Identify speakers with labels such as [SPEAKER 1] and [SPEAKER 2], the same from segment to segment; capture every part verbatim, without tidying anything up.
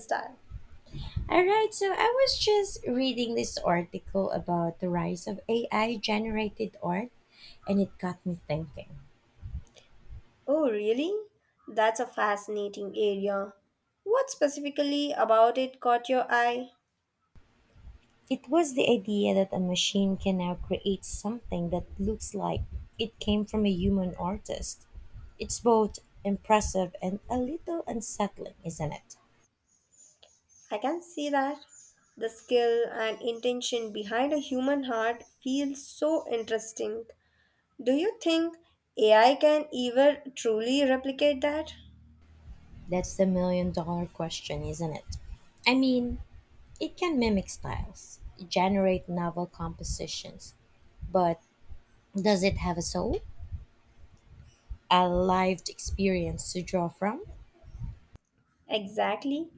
[SPEAKER 1] Style.
[SPEAKER 2] All right, so I was just reading this article about the rise of A I generated art, and it got me thinking.
[SPEAKER 1] Oh, really? That's a fascinating area. What specifically about it caught your eye?
[SPEAKER 2] It was the idea that a machine can now create something that looks like it came from a human artist. It's both impressive and a little unsettling, isn't it?
[SPEAKER 1] I can see that. The skill and intention behind a human heart feels so interesting. Do you think A I can ever truly replicate that?
[SPEAKER 2] That's the million dollar question, isn't it? I mean, it can mimic styles, generate novel compositions, but does it have a soul? A lived experience to draw from,
[SPEAKER 1] Exactly.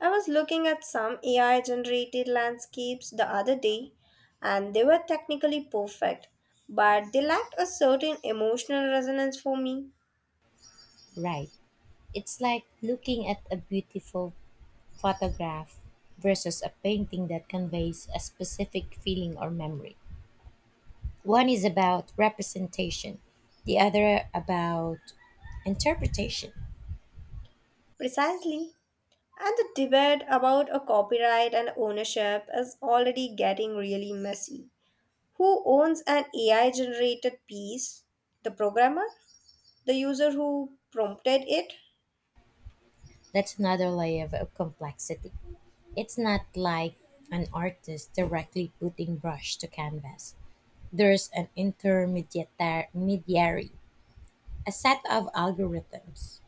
[SPEAKER 1] I was looking at some A I generated landscapes the other day, and they were technically perfect, but they lacked a certain emotional resonance for me.
[SPEAKER 2] right? It's like looking at a beautiful photograph versus a painting that conveys a specific feeling or memory. One is about representation, the other about interpretation.
[SPEAKER 1] Precisely. And the debate about a copyright and ownership is already getting really messy. Who owns an A I generated piece? The programmer? The user who prompted it?
[SPEAKER 2] That's another layer of complexity. It's not like an artist directly putting brush to canvas. There's an intermediary, a set of algorithms.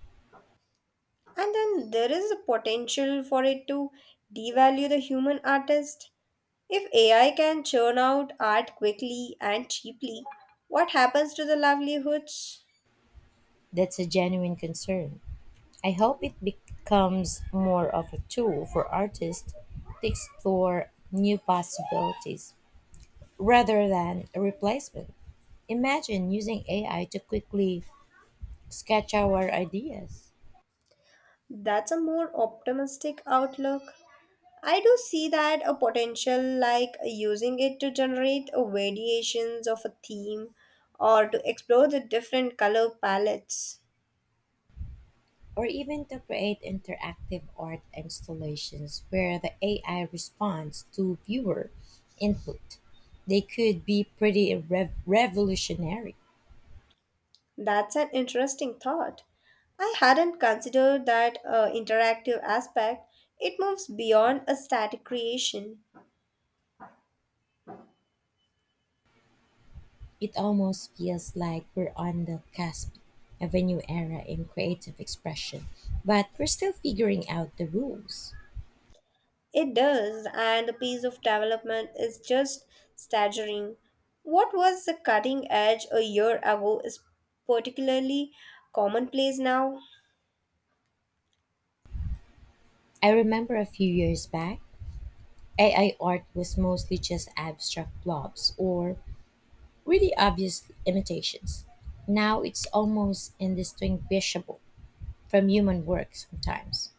[SPEAKER 1] And then there is a potential for it to devalue the human artist. If A I can churn out art quickly and cheaply, what happens to the livelihoods?
[SPEAKER 2] That's a genuine concern. I hope it becomes more of a tool for artists to explore new possibilities rather than a replacement. Imagine using A I to quickly sketch our ideas,
[SPEAKER 1] That's a more optimistic outlook. I do see that a potential, like using it to generate a variations of a theme or to explore the different color palettes.
[SPEAKER 2] or even to create interactive art installations where the A I responds to viewer input. They could be pretty rev- revolutionary.
[SPEAKER 1] That's an interesting thought. I hadn't considered that uh, interactive aspect. It moves beyond a static creation.
[SPEAKER 2] It almost feels like we're on the cusp of a new era in creative expression, but we're still figuring out the rules.
[SPEAKER 1] It does, and the pace of development is just staggering. What was the cutting edge a year ago is particularly commonplace now.
[SPEAKER 2] I remember a few years back, A I art was mostly just abstract blobs or really obvious imitations. Now it's almost indistinguishable from human work sometimes.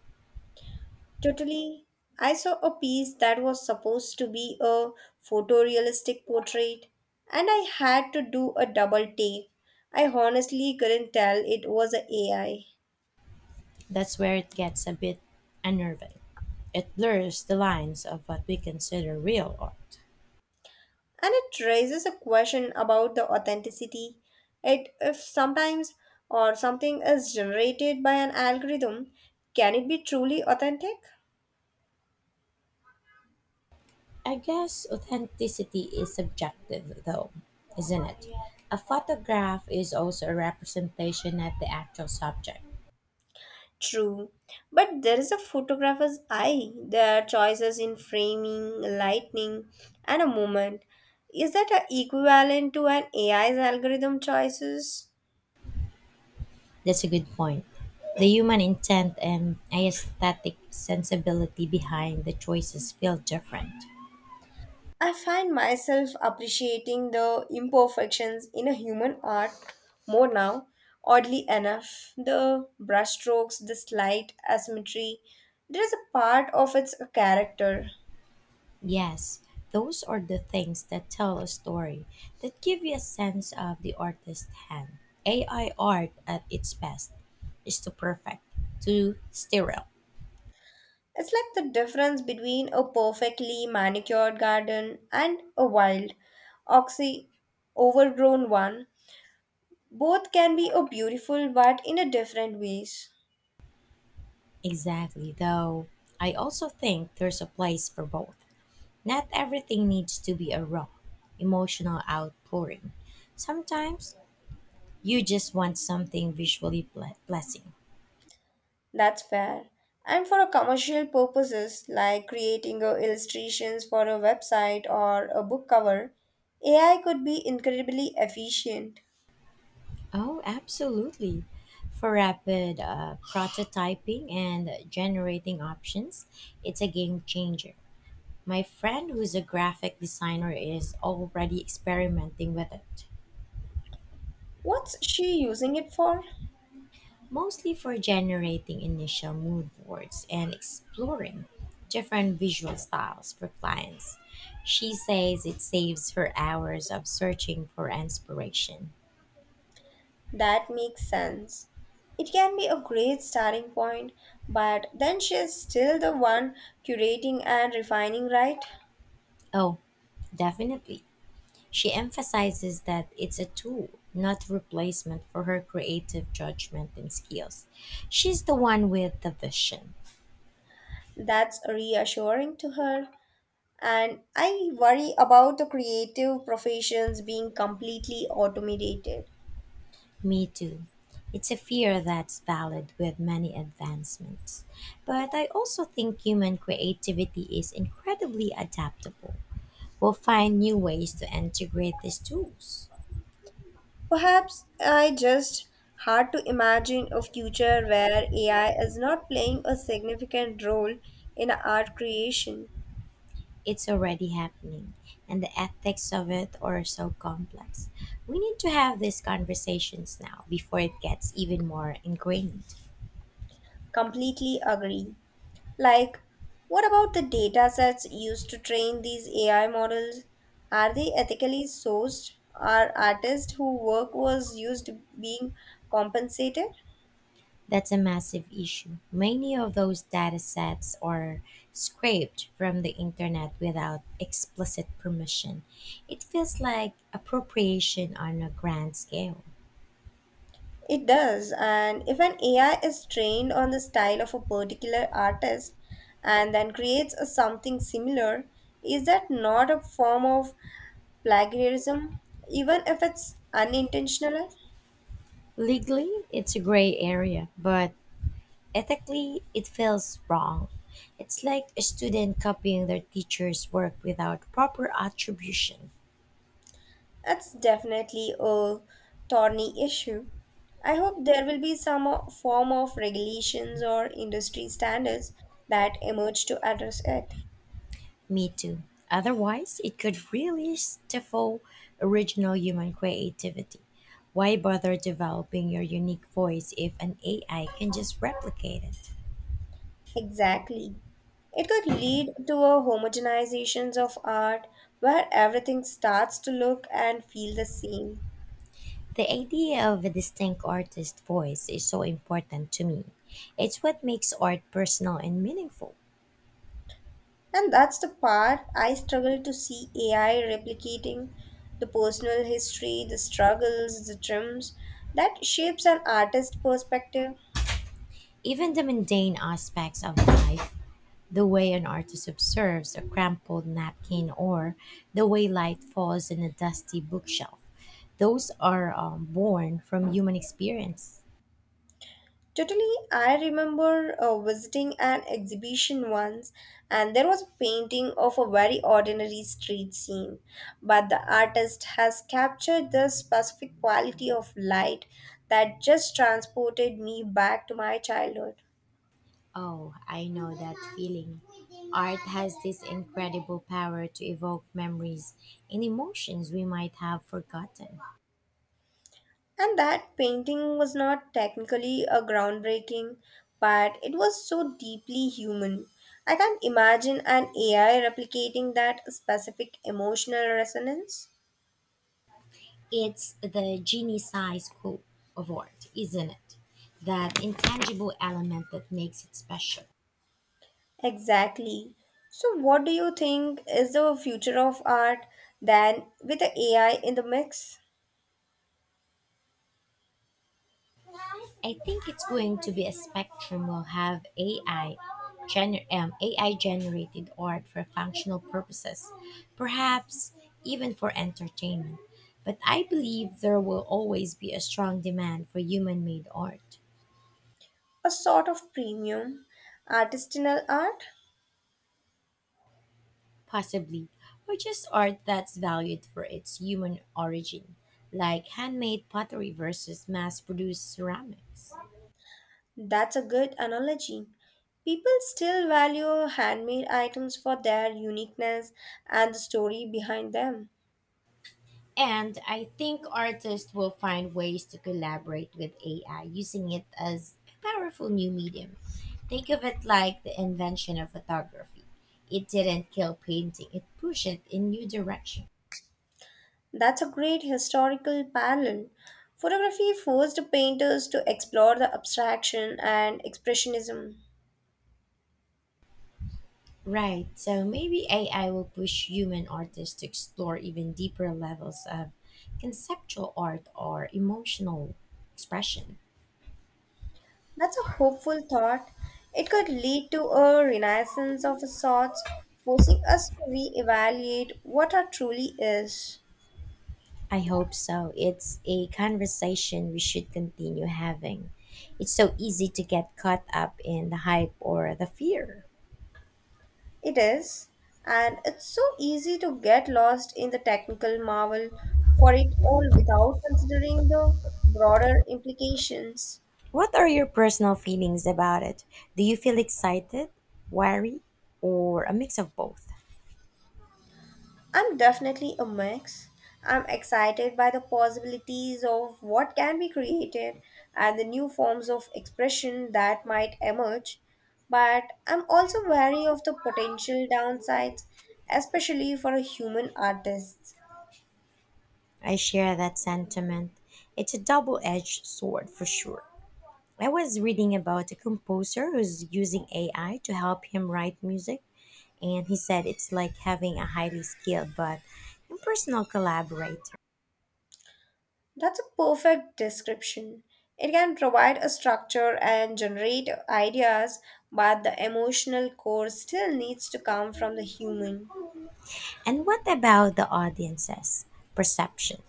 [SPEAKER 1] Totally. I saw a piece that was supposed to be a photorealistic portrait, and I had to do a double take. I honestly couldn't tell it was a AI.
[SPEAKER 2] That's where it gets a bit unnerving. It blurs the lines of what we consider real art.
[SPEAKER 1] And it raises a question about the authenticity. It if sometimes or something is generated by an algorithm, can it be truly authentic?
[SPEAKER 2] I guess authenticity is subjective, though, isn't it? A photograph is also a representation of the actual subject.
[SPEAKER 1] True, but there is a photographer's eye. There are choices in framing, lighting, and a moment. Is that a equivalent to an A I's algorithm choices?
[SPEAKER 2] That's a good point. The human intent and aesthetic sensibility behind the choices feel different.
[SPEAKER 1] I find myself appreciating the imperfections in a human art more now. Oddly enough, the brushstrokes, the slight asymmetry, there is a part of its character.
[SPEAKER 2] Yes, those are the things that tell a story, that give you a sense of the artist's hand. A I art at its best is too perfect, too sterile.
[SPEAKER 1] It's like the difference between a perfectly manicured garden and a wild, oxy, overgrown one. Both can be a beautiful but in a different ways.
[SPEAKER 2] Exactly, though I also think there's a place for both. Not everything needs to be a raw, emotional outpouring. Sometimes you just want something visually ple- pleasing.
[SPEAKER 1] That's fair. And for a commercial purposes like creating a illustrations for a website or a book cover, A I could be incredibly efficient.
[SPEAKER 2] Oh, absolutely. For rapid uh, prototyping and generating options, it's a game changer. My friend, who's a graphic designer, is already experimenting with it.
[SPEAKER 1] What's she using it for?
[SPEAKER 2] Mostly for generating initial mood boards and exploring different visual styles for clients. She says it saves her hours of searching for inspiration.
[SPEAKER 1] That makes sense. It can be a great starting point, but then she's still the one curating and refining, right?
[SPEAKER 2] Oh, definitely. She emphasizes that it's a tool, not replacement for her creative judgment and skills. She's the one with the vision.
[SPEAKER 1] That's reassuring to her. And I worry about the creative professions being completely automated.
[SPEAKER 2] Me too. It's a fear that's valid with many advancements. But I also think human creativity is incredibly adaptable. We'll find new ways to integrate these tools.
[SPEAKER 1] Perhaps I just hard to imagine a future where A I is not playing a significant role in art creation.
[SPEAKER 2] It's already happening, and the ethics of it are so complex. We need to have these conversations now before it gets even more ingrained.
[SPEAKER 1] Completely agree. Like, what about the data sets used to train these A I models? Are they ethically sourced? Are artists whose work was used being compensated?
[SPEAKER 2] That's a massive issue. Many of those data sets are scraped from the internet without explicit permission. It feels like appropriation on a grand scale.
[SPEAKER 1] It does, and if an A I is trained on the style of a particular artist and then creates a something similar, is that not a form of plagiarism, even if it's unintentional?
[SPEAKER 2] Legally, it's a gray area, but ethically, it feels wrong. It's like a student copying their teacher's work without proper attribution.
[SPEAKER 1] That's definitely a thorny issue. I hope there will be some o- form of regulations or industry standards that emerge to address it.
[SPEAKER 2] Me too. Otherwise, it could really stifle original human creativity. Why bother developing your unique voice if an A I can just replicate it?
[SPEAKER 1] Exactly. It could lead to a homogenization of art where everything starts to look and feel the same.
[SPEAKER 2] The idea of a distinct artist voice is so important to me. It's what makes art personal and meaningful.
[SPEAKER 1] And that's the part I struggle to see A I replicating the personal history, the struggles, the dreams that shapes an artist's perspective.
[SPEAKER 2] Even the mundane aspects of life. The way an artist observes a crumpled napkin or the way light falls on a dusty bookshelf, those are um, born from human experience.
[SPEAKER 1] Totally, I remember uh, visiting an exhibition once, and there was a painting of a very ordinary street scene. But the artist has captured the specific quality of light that just transported me back to my childhood.
[SPEAKER 2] Oh, I know that feeling. Art has this incredible power to evoke memories and emotions we might have forgotten.
[SPEAKER 1] And that painting was not technically a groundbreaking, but it was so deeply human. I can't imagine an A I replicating that specific emotional resonance.
[SPEAKER 2] It's the genie size scope of art, isn't it? That intangible element that makes it special.
[SPEAKER 1] Exactly. So, what do you think is the future of art then with the A I in the mix?
[SPEAKER 2] I think it's going to be a spectrum. We'll have A I, gener- um, A I generated art for functional purposes, perhaps even for entertainment. But I believe there will always be a strong demand for human made art,
[SPEAKER 1] A sort of premium artisanal art?
[SPEAKER 2] possibly, or just art that's valued for its human origin, like handmade pottery versus mass produced ceramics.
[SPEAKER 1] That's a good analogy. People still value handmade items for their uniqueness and the story behind them.
[SPEAKER 2] And I think artists will find ways to collaborate with A I using it as a powerful new medium. Think of it like the invention of photography. It didn't kill painting, it pushed it in new direction.
[SPEAKER 1] That's a great historical parallel. Photography forced painters to explore the abstraction and expressionism.
[SPEAKER 2] Right, so maybe A I will push human artists to explore even deeper levels of conceptual art or emotional expression.
[SPEAKER 1] That's a hopeful thought. It could lead to a renaissance of sorts, forcing us to re-evaluate what our truly is.
[SPEAKER 2] I hope so. It's a conversation we should continue having. It's so easy to get caught up in the hype or the fear.
[SPEAKER 1] It is, and it's so easy to get lost in the technical marvel for it all without considering the broader implications.
[SPEAKER 2] What are your personal feelings about it? Do you feel excited, worry, or a mix of both?
[SPEAKER 1] I'm definitely a mix. I'm excited by the possibilities of what can be created and the new forms of expression that might emerge, but I'm also wary of the potential downsides, especially for a human artist.
[SPEAKER 2] I share that sentiment. It's a double edged sword for sure. I was reading about a composer who's using A I to help him write music, and he said it's like having a highly skilled but impersonal collaborator.
[SPEAKER 1] That's a perfect description. It can provide a structure and generate ideas, but the emotional core still needs to come from the human.
[SPEAKER 2] And what about the audience's perception?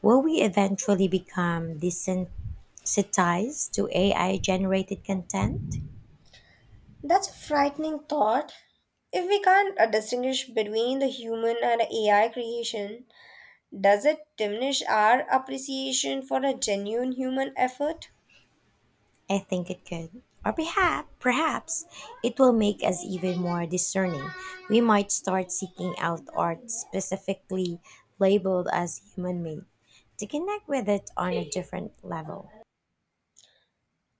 [SPEAKER 2] Will we eventually become desensitized to A I generated content?
[SPEAKER 1] That's a frightening thought. If we can't uh, distinguish between the human and A I creation, does it diminish our appreciation for a genuine human effort?
[SPEAKER 2] I think it could. Or perhaps, perhaps it will make us even more discerning. We might start seeking out art specifically labeled as human made to connect with it on a different level.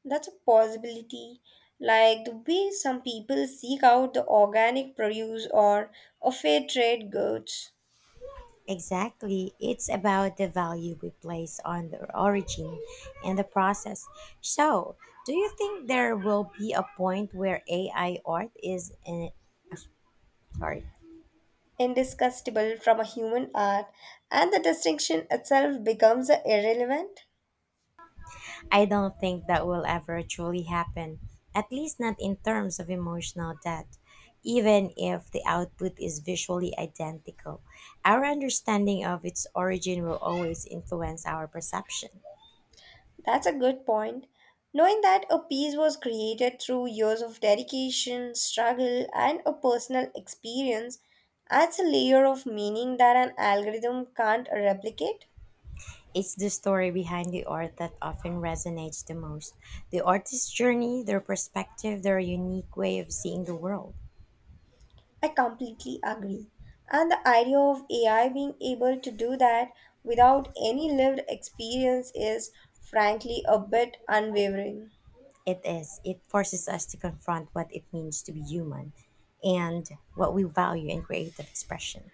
[SPEAKER 1] That's a possibility. Like the way some people seek out the organic produce or a fair trade goods,
[SPEAKER 2] Exactly. It's about the value we place on the origin and the process. So, do you think there will be a point where A I art is in. Sorry.
[SPEAKER 1] indiscussable from a human art, and the distinction itself becomes uh, irrelevant.
[SPEAKER 2] I don't think that will ever truly happen, at least not in terms of emotional depth. Even if the output is visually identical, our understanding of its origin will always influence our perception.
[SPEAKER 1] That's a good point. Knowing that a piece was created through years of dedication, struggle, and a personal experience adds a layer of meaning that an algorithm can't replicate.
[SPEAKER 2] It's the story behind the art that often resonates the most. The artist's journey, their perspective, their unique way of seeing the world.
[SPEAKER 1] I completely agree. And the idea of A I being able to do that without any lived experience is frankly a bit unwavering.
[SPEAKER 2] It is. It forces us to confront what it means to be human and what we value in creative expression.